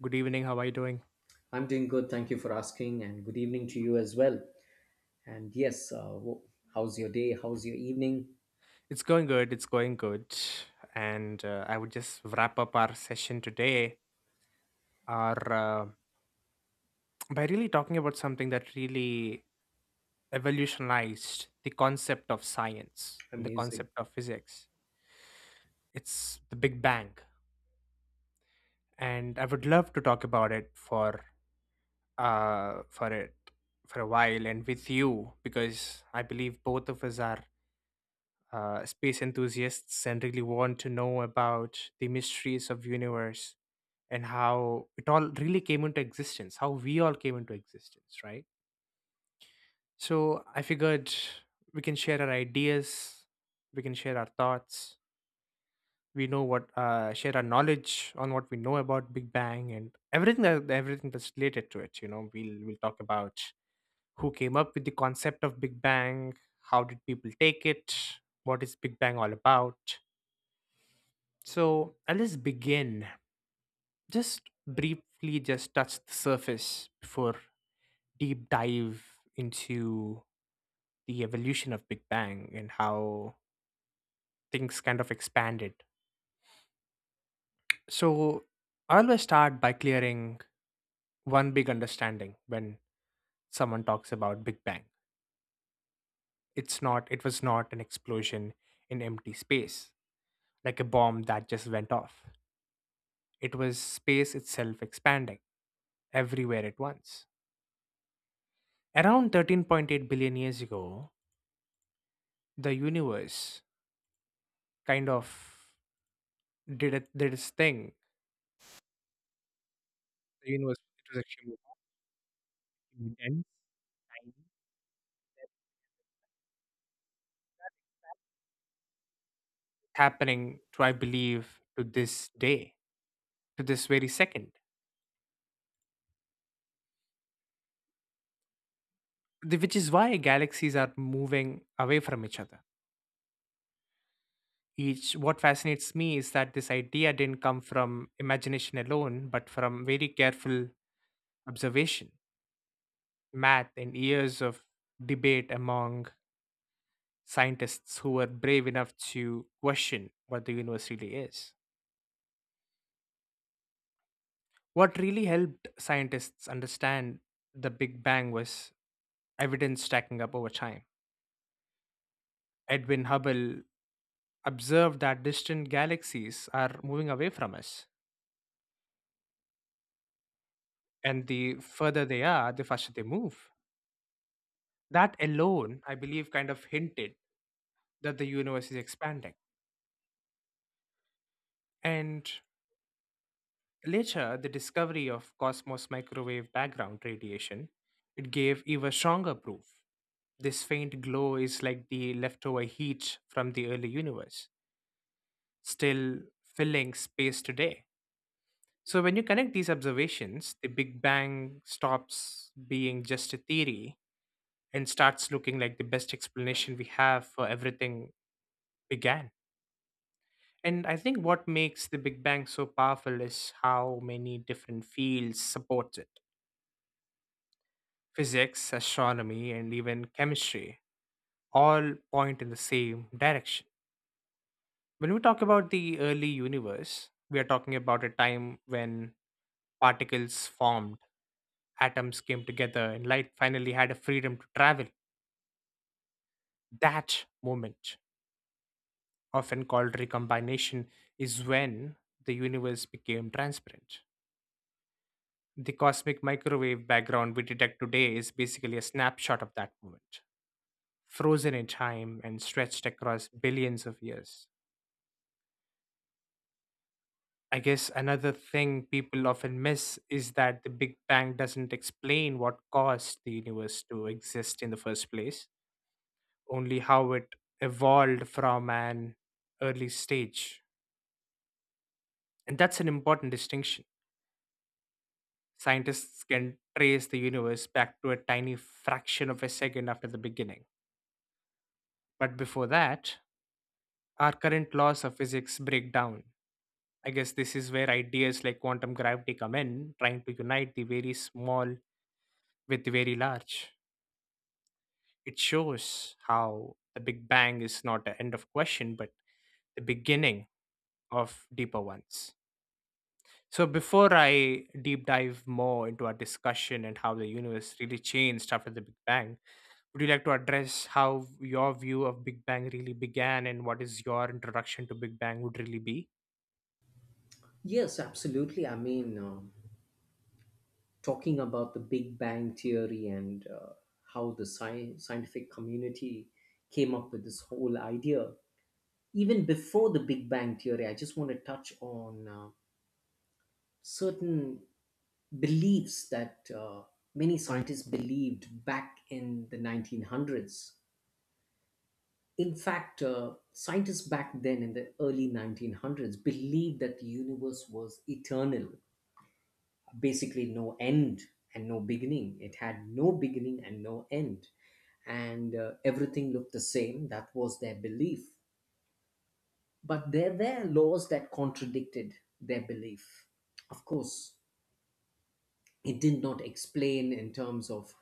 Good evening. How are you doing? I'm doing good. Thank you for asking, and good evening to you as well. And yes, how's your day? How's your evening? It's going good. It's going good. And I would just wrap up our session today are, uh, by really talking about something that really evolutionized the concept of science and the Amazing. concept of physics. It's the Big Bang. And I would love to talk about it uh, for it for a while and with you because I believe both of us are space enthusiasts and really want to know about the mysteries of universe and how it all really came into existence, how we all came into existence, right? So I figured we can share our ideas, we can share our thoughts, we know what share our knowledge on what we know about Big Bang and everything that's related to it. You know, we'll talk about who came up with the concept of Big Bang, how did people take it, what is Big Bang all about. So I'll just begin. Just briefly just touch the surface before deep dive into the evolution of Big Bang and how things kind of expanded. So I always start by clearing one big understanding when someone talks about Big Bang. It was not an explosion in empty space, like a bomb that just went off. It was space itself expanding everywhere at once. Around 13.8 billion years ago, the universe kind of did its thing. The universe it was actually intense silence happening, to, I believe, to this day, to this very second, which is why galaxies are moving away from each other. Each What fascinates me is that this idea didn't come from imagination alone, but from very careful observation, math, and years of debate among scientists who were brave enough to question what the universe really is. What really helped scientists understand the Big Bang was evidence stacking up over time. Edwin Hubble observed that distant galaxies are moving away from us. And the further they are, the faster they move. That alone, I believe, kind of hinted that the universe is expanding. And later, the discovery of cosmos microwave background radiation, it gave even stronger proof. This faint glow is like the leftover heat from the early universe, still filling space today. So, when you connect these observations, the Big Bang stops being just a theory and starts looking like the best explanation we have for everything began. And I think what makes the Big Bang so powerful is how many different fields support it. Physics, astronomy, and even chemistry all point in the same direction. When we talk about the early universe, we are talking about a time when particles formed, atoms came together, and light finally had a freedom to travel. That moment, often called recombination, is when the universe became transparent. The cosmic microwave background we detect today is basically a snapshot of that moment, frozen in time and stretched across billions of years. I guess another thing people often miss is that the Big Bang doesn't explain what caused the universe to exist in the first place, only how it evolved from an early stage. And that's an important distinction. Scientists can trace the universe back to a tiny fraction of a second after the beginning. But before that, our current laws of physics break down. I guess this is where ideas like quantum gravity come in, trying to unite the very small with the very large. It shows how the Big Bang is not the end of question, but the beginning of deeper ones. So, before I deep dive more into our discussion and how the universe really changed after the Big Bang, would you like to address how your view of Big Bang really began and what is your introduction to Big Bang would really be? Yes, absolutely. I mean, talking about the Big Bang Theory and how the scientific community came up with this whole idea. Even before the Big Bang Theory, I just want to touch on certain beliefs that many scientists believed back in the 1900s. In fact, scientists back then in the early 1900s believed that the universe was eternal, basically, no end and no beginning. It had no beginning and no end. And everything looked the same. That was their belief. But there were laws that contradicted their belief. Of course, it did not explain in terms of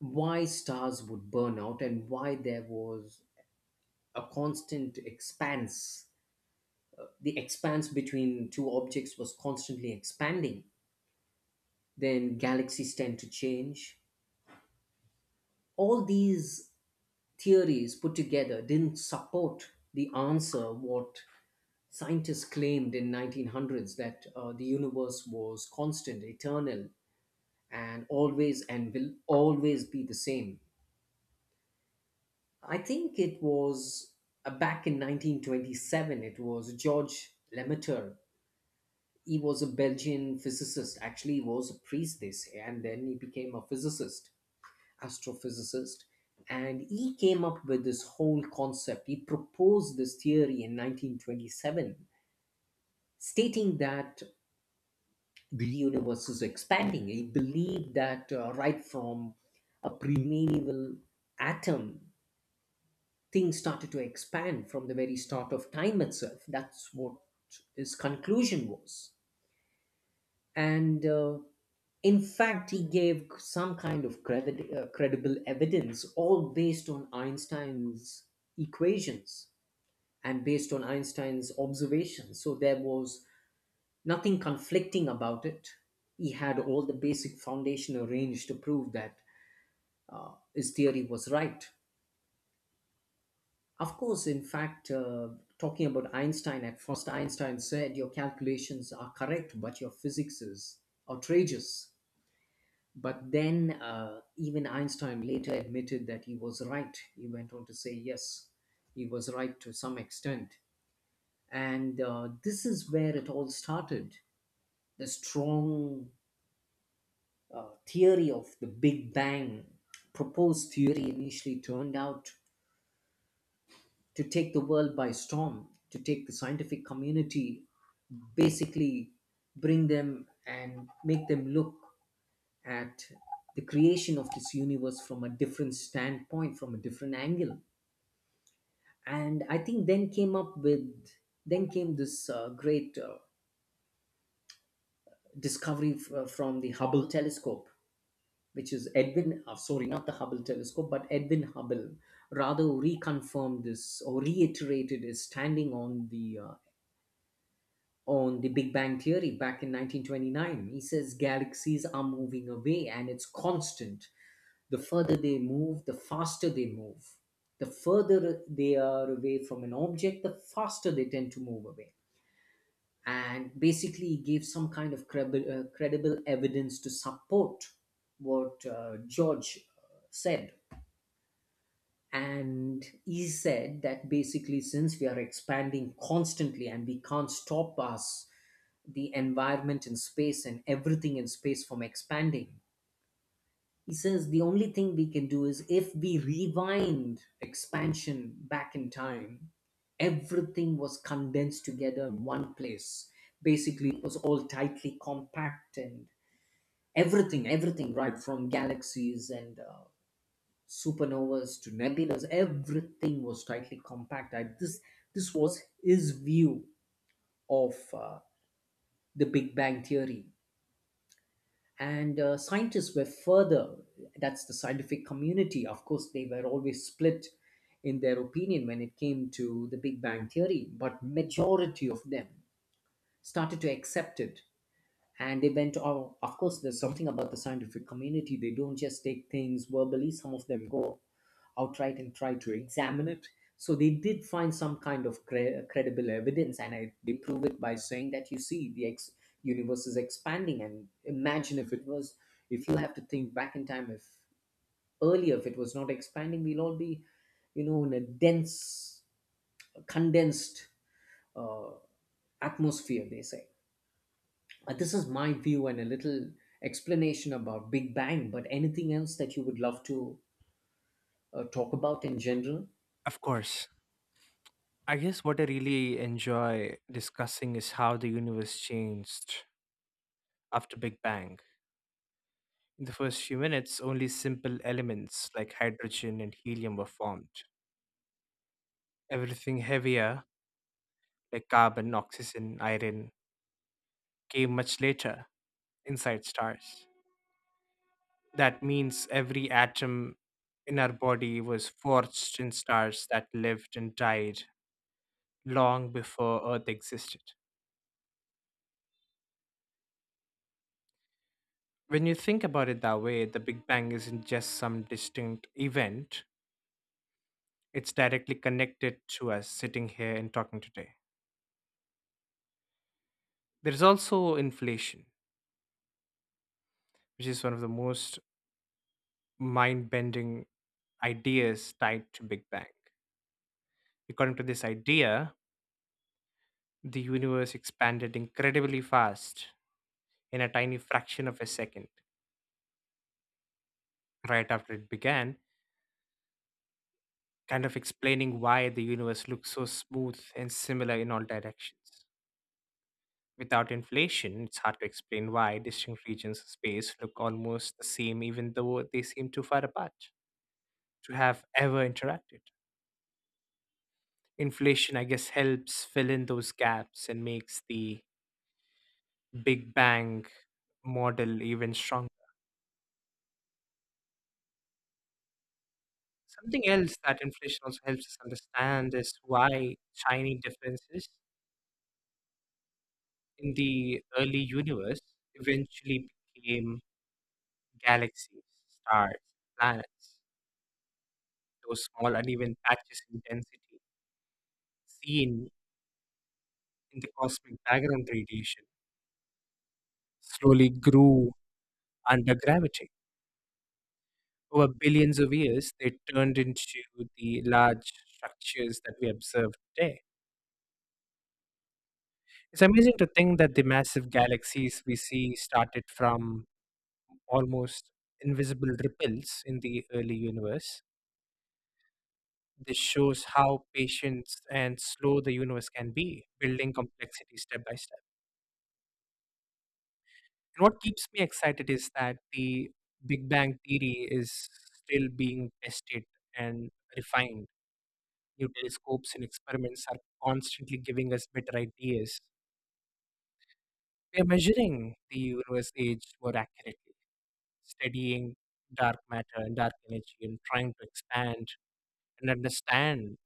why stars would burn out and why there was a constant expanse, the expanse between two objects was constantly expanding, then galaxies tend to change. All these theories put together didn't support the answer what scientists claimed in 1900s that the universe was constant, eternal, and always and will always be the same. I think it was back in 1927. It was George Lemaitre. He was a Belgian physicist. Actually, he was a priest, they say, and then he became a physicist, astrophysicist. And he came up with this whole concept. He proposed this theory in 1927, stating that the universe is expanding. He believed that right from a primeval atom, things started to expand from the very start of time itself. That's what his conclusion was. And in fact, he gave some kind of credible evidence all based on Einstein's equations and based on Einstein's observations. So there was nothing conflicting about it. He had all the basic foundation arranged to prove that his theory was right. Of course, in fact, talking about Einstein, at first Einstein said your calculations are correct but your physics is outrageous. But then, even Einstein later admitted that he was right. He went on to say, yes, he was right to some extent. And this is where it all started. The strong theory of the Big Bang, proposed theory, initially turned out to take the world by storm, to take the scientific community, basically bring them and make them look at the creation of this universe from a different standpoint, from a different angle. And I think then came up with then came this great discovery from the Hubble telescope, which is Edwin, sorry, not the Hubble telescope but Edwin Hubble rather reconfirmed this or reiterated his standing on the on the Big Bang theory back in 1929. He says galaxies are moving away and it's constant. The further they move, the faster they move. The further they are away from an object, the faster they tend to move away. And basically, he gave some kind of credible evidence to support what George said. And he said that basically, since we are expanding constantly and we can't stop us, the environment in space and everything in space from expanding, he says the only thing we can do is if we rewind expansion back in time, everything was condensed together in one place. Basically, it was all tightly compact, and everything, everything, right from galaxies and supernovas to nebulas, everything was tightly compact. This was his view of the Big Bang Theory. And scientists were further, that's the scientific community. Of course, they were always split in their opinion when it came to the Big Bang theory, but majority of them started to accept it. And they went, oh, of course there's something about the scientific community, they don't just take things verbally, some of them go outright and try to examine it. So they did find some kind of credible evidence, and they prove it by saying that you see the universe is expanding, and imagine if it was. If you have to think back in time, if earlier if it was not expanding, we'll all be, you know, in a dense, condensed uh, atmosphere, they say. This is my view and a little explanation about Big Bang. But anything else that you would love to talk about in general? Of course. I guess what I really enjoy discussing is how the universe changed after Big Bang. In the first few minutes, only simple elements like hydrogen and helium were formed. Everything heavier, like carbon, oxygen, iron, came much later inside stars. That means every atom in our body was forged in stars that lived and died long before Earth existed. When you think about it that way, the Big Bang isn't just some distinct event, it's directly connected to us sitting here and talking today. There's also inflation, which is one of the most mind bending ideas tied to Big Bang. According to this idea, the universe expanded incredibly fast in a tiny fraction of a second right after it began, kind of explaining why the universe looks so smooth and similar in all directions. Without inflation, it's hard to explain why distinct regions of space look almost the same, even though they seem too far apart to have ever interacted. Inflation, I guess, helps fill in those gaps and makes the Big Bang model even stronger. Something else that inflation also helps us understand is why tiny differences in the early universe eventually became galaxies, stars, planets, those small uneven patches in density seen in the cosmic background radiation slowly grew under gravity. Over billions of years, they turned into the large structures that we observe today. It's amazing to think that the massive galaxies we see started from almost invisible ripples in the early universe. This shows how patient and slow the universe can be, building complexity step by step. And what keeps me excited is that the Big Bang theory is still being tested and refined. New telescopes and experiments are constantly giving us better ideas. We are measuring the universe age more accurately, studying dark matter and dark energy, and trying to expand and understand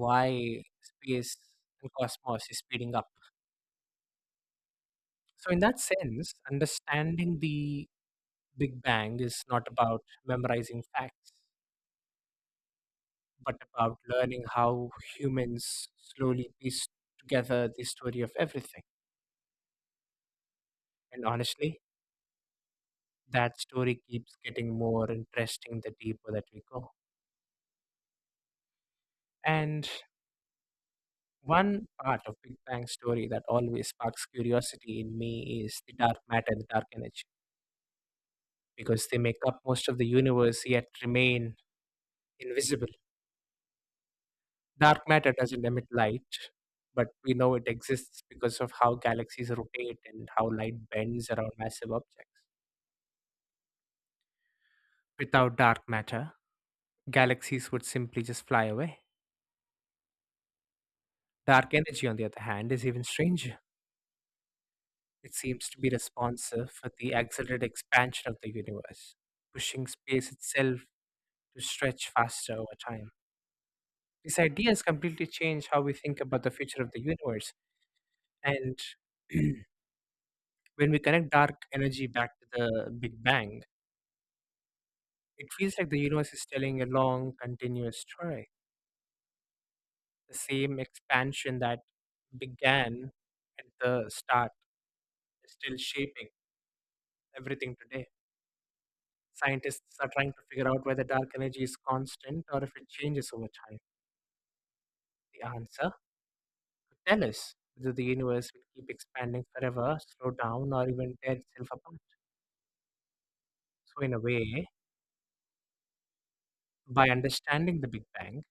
why space and cosmos is speeding up. So in that sense, understanding the Big Bang is not about memorizing facts, but about learning how humans slowly piece together the story of everything. And honestly, that story keeps getting more interesting the deeper that we go. And one part of Big Bang story that always sparks curiosity in me is the dark matter and the dark energy, because they make up most of the universe yet remain invisible. Dark matter doesn't emit light, but we know it exists because of how galaxies rotate and how light bends around massive objects. Without dark matter, galaxies would simply just fly away. Dark energy, on the other hand, is even stranger. It seems to be responsive for the accelerated expansion of the universe, pushing space itself to stretch faster over time. This idea has completely changed how we think about the future of the universe. And when we connect dark energy back to the Big Bang, it feels like the universe is telling a long, continuous story. The same expansion that began at the start is still shaping everything today. Scientists are trying to figure out whether dark energy is constant or if it changes over time. The answer could tell us whether the universe will keep expanding forever, slow down, or even tear itself apart. So, in a way, by understanding the Big Bang,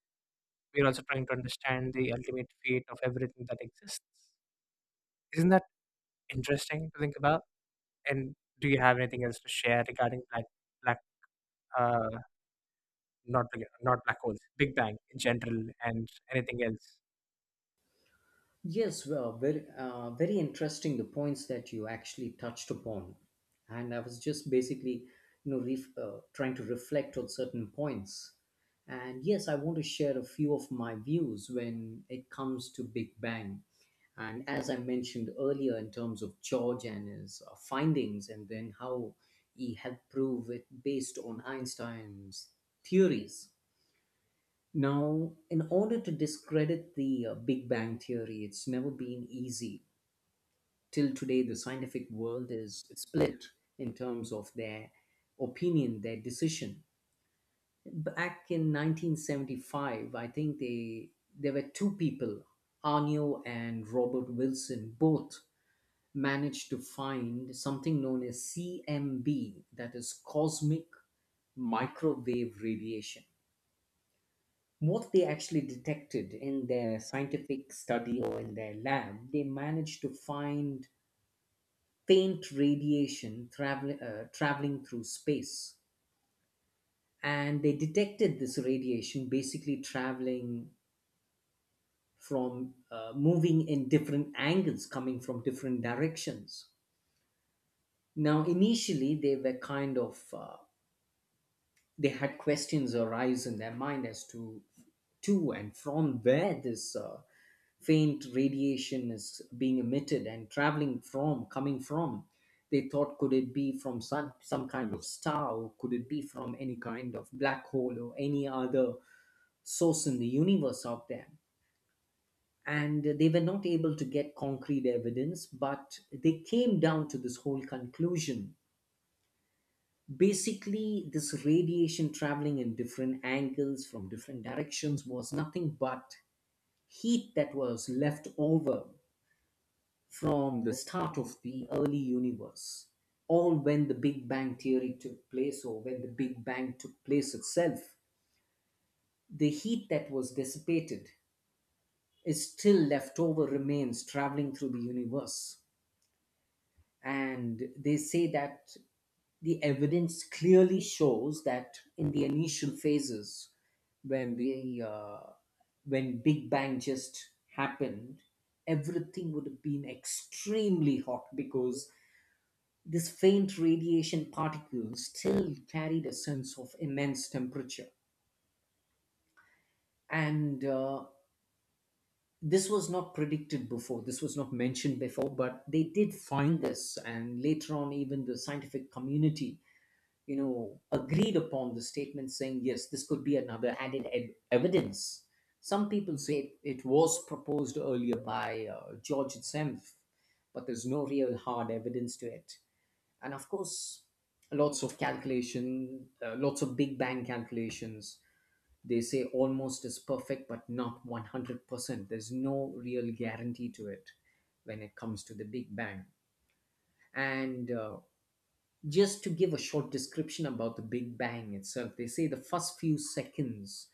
we're also trying to understand the ultimate fate of everything that exists. Isn't that interesting to think about? And do you have anything else to share regarding black black uh not black- not black holes, Big Bang in general, and anything else? Yes, well, very interesting the points that you actually touched upon, and I was just basically, you know, trying to reflect on certain points. And yes, I want to share a few of my views when it comes to Big Bang, and as I mentioned earlier, in terms of George and his findings, and then how he helped prove it based on Einstein's theories. Now, in order to discredit the Big Bang theory, it's never been easy. Till today, the scientific world is split in terms of their opinion, their decision. Back in 1975, I think they there were two people, Arno and Robert Wilson, both managed to find something known as CMB, that is cosmic microwave radiation. What they actually detected in their scientific study or in their lab, they managed to find faint traveling through space. And they detected this radiation basically traveling from moving in different angles, coming from different directions. Now, initially, they were kind of, they had questions arise in their mind as to and from where this faint radiation is being emitted and traveling from coming from. They thought, could it be from sun, some kind of star, or could it be from any kind of black hole or any other source in the universe out there. And they were not able to get concrete evidence, but they came down to this whole conclusion: basically this radiation traveling in different angles from different directions was nothing but heat that was left over from the start of the early universe, or when the Big Bang theory took place, or when the Big Bang took place itself. The heat that was dissipated is still left over, remains traveling through the universe. And they say that the evidence clearly shows that in the initial phases when we when Big Bang just happened, everything would have been extremely hot because this faint radiation particle still carried a sense of immense temperature. And this was not predicted before, this was not mentioned before, but they did find this. And later on, even the scientific community, you know, agreed upon the statement saying, yes, this could be another added evidence. Some people say it was proposed earlier by George himself, but there's no real hard evidence to it. And of course, lots of Big Bang calculations, they say almost is perfect but not 100%. There's no real guarantee to it when it comes to the Big Bang. And just to give a short description about the Big Bang itself, they say the first few seconds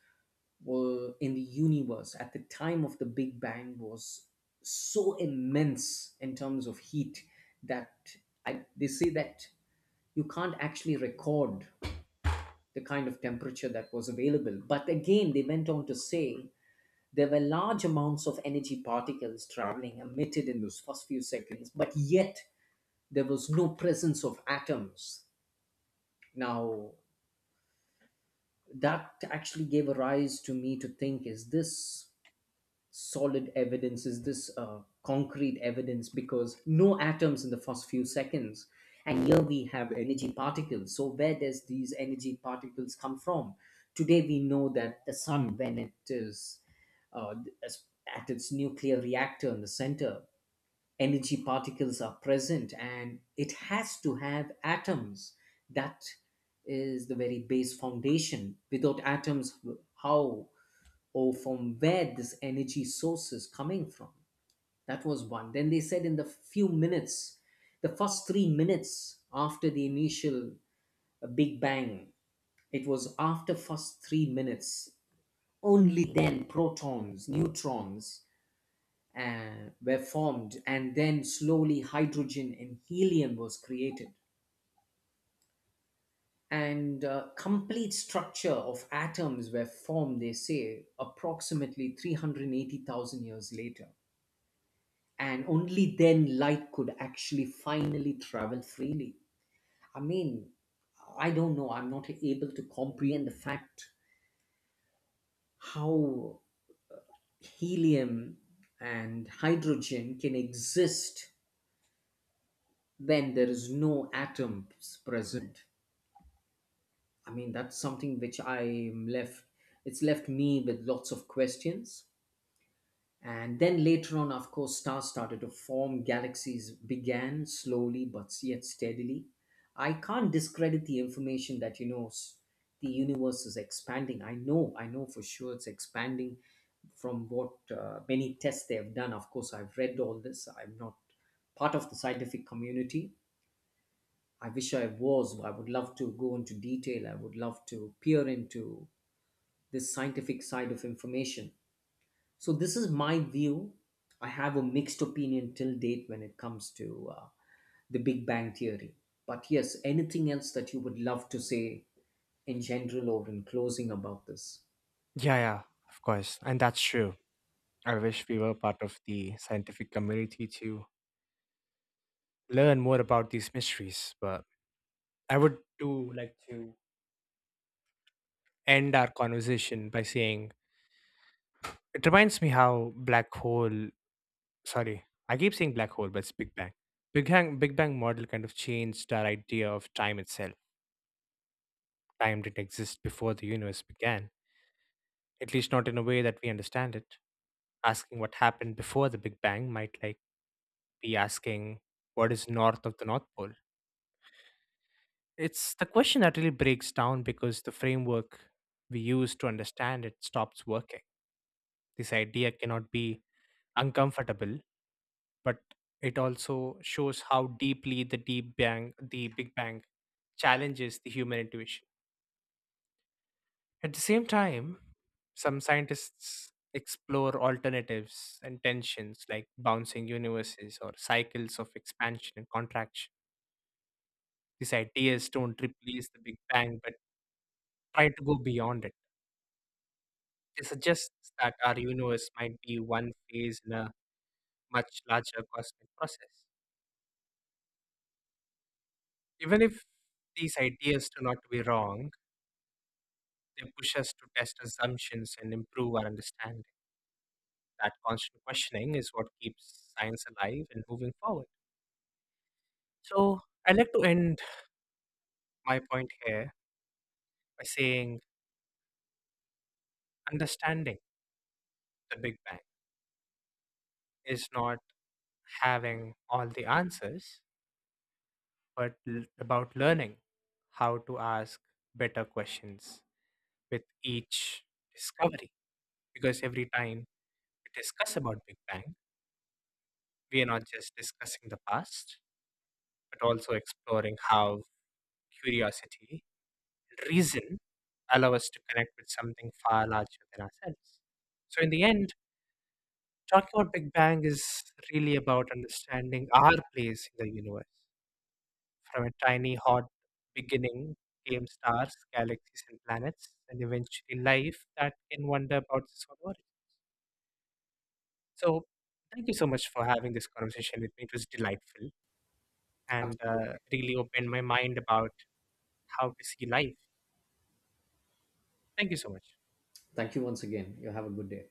were in the universe at the time of the Big Bang was so immense in terms of heat that they say that you can't actually record the kind of temperature that was available. But again, they went on to say there were large amounts of energy particles traveling emitted in those first few seconds, but yet there was no presence of atoms. Now, that actually gave a rise to me to think, is this solid evidence, is this concrete evidence, because no atoms in the first few seconds and here we have energy particles. So where does these energy particles come from? Today we know that the sun when it is uh, at its nuclear reactor in the center, energy particles are present and it has to have atoms. That is the very base foundation. Without atoms, how or from where this energy source is coming from? That was one. Then they said in the few minutes, the first 3 minutes after the initial Big Bang, it was after first 3 minutes. Only then protons, neutrons were formed, and then slowly hydrogen and helium was created. And complete structure of atoms were formed, they say, approximately 380,000 years later, and only then light could actually finally travel freely. I mean, I don't know, I'm not able to comprehend the fact how helium and hydrogen can exist when there is no atoms present. I mean, that's something which it's left me with lots of questions. And then later on, of course, stars started to form, galaxies began slowly but yet steadily. I can't discredit the information that, you know, the universe is expanding. I know for sure it's expanding from what many tests they have done. Of course, I've read all this. I'm not part of the scientific community. I wish I was. I would love to go into detail. I would love to peer into this scientific side of information. So this is my view. I have a mixed opinion till date when it comes to the Big Bang Theory. But yes, anything else that you would love to say in general or in closing about this? Yeah, yeah, of course. And that's true. I wish we were part of the scientific community to learn more about these mysteries. But I would do like to end our conversation by saying it reminds me how black hole, sorry, I keep saying black hole, but it's Big Bang. Big Bang model kind of changed our idea of time itself. Time didn't exist before the universe began, at least not in a way that we understand it. Asking what happened before the Big Bang might like be asking what is north of the North Pole. It's the question that really breaks down because the framework we use to understand it stops working. This idea cannot be uncomfortable, but it also shows how deeply the Big Bang challenges the human intuition. At the same time, some scientists explore alternatives and tensions like bouncing universes or cycles of expansion and contraction. These ideas don't replace the Big Bang but try to go beyond it. They suggest that our universe might be one phase in a much larger cosmic process. Even if these ideas turn out to be wrong, they push us to test assumptions and improve our understanding. That constant questioning is what keeps science alive and moving forward. So I like to end my point here by saying understanding the Big Bang is not having all the answers, but about learning how to ask better questions with each discovery. Because every time we discuss about Big Bang, we are not just discussing the past, but also exploring how curiosity and reason allow us to connect with something far larger than ourselves. So in the end, talking about Big Bang is really about understanding our place in the universe. From a tiny, hot beginning came stars, galaxies, and planets, and eventually life that can wonder about this whole world. So, thank you so much for having this conversation with me. It was delightful and Absolutely. Really opened my mind about how to see life. Thank you so much. Thank you once again. You have a good day.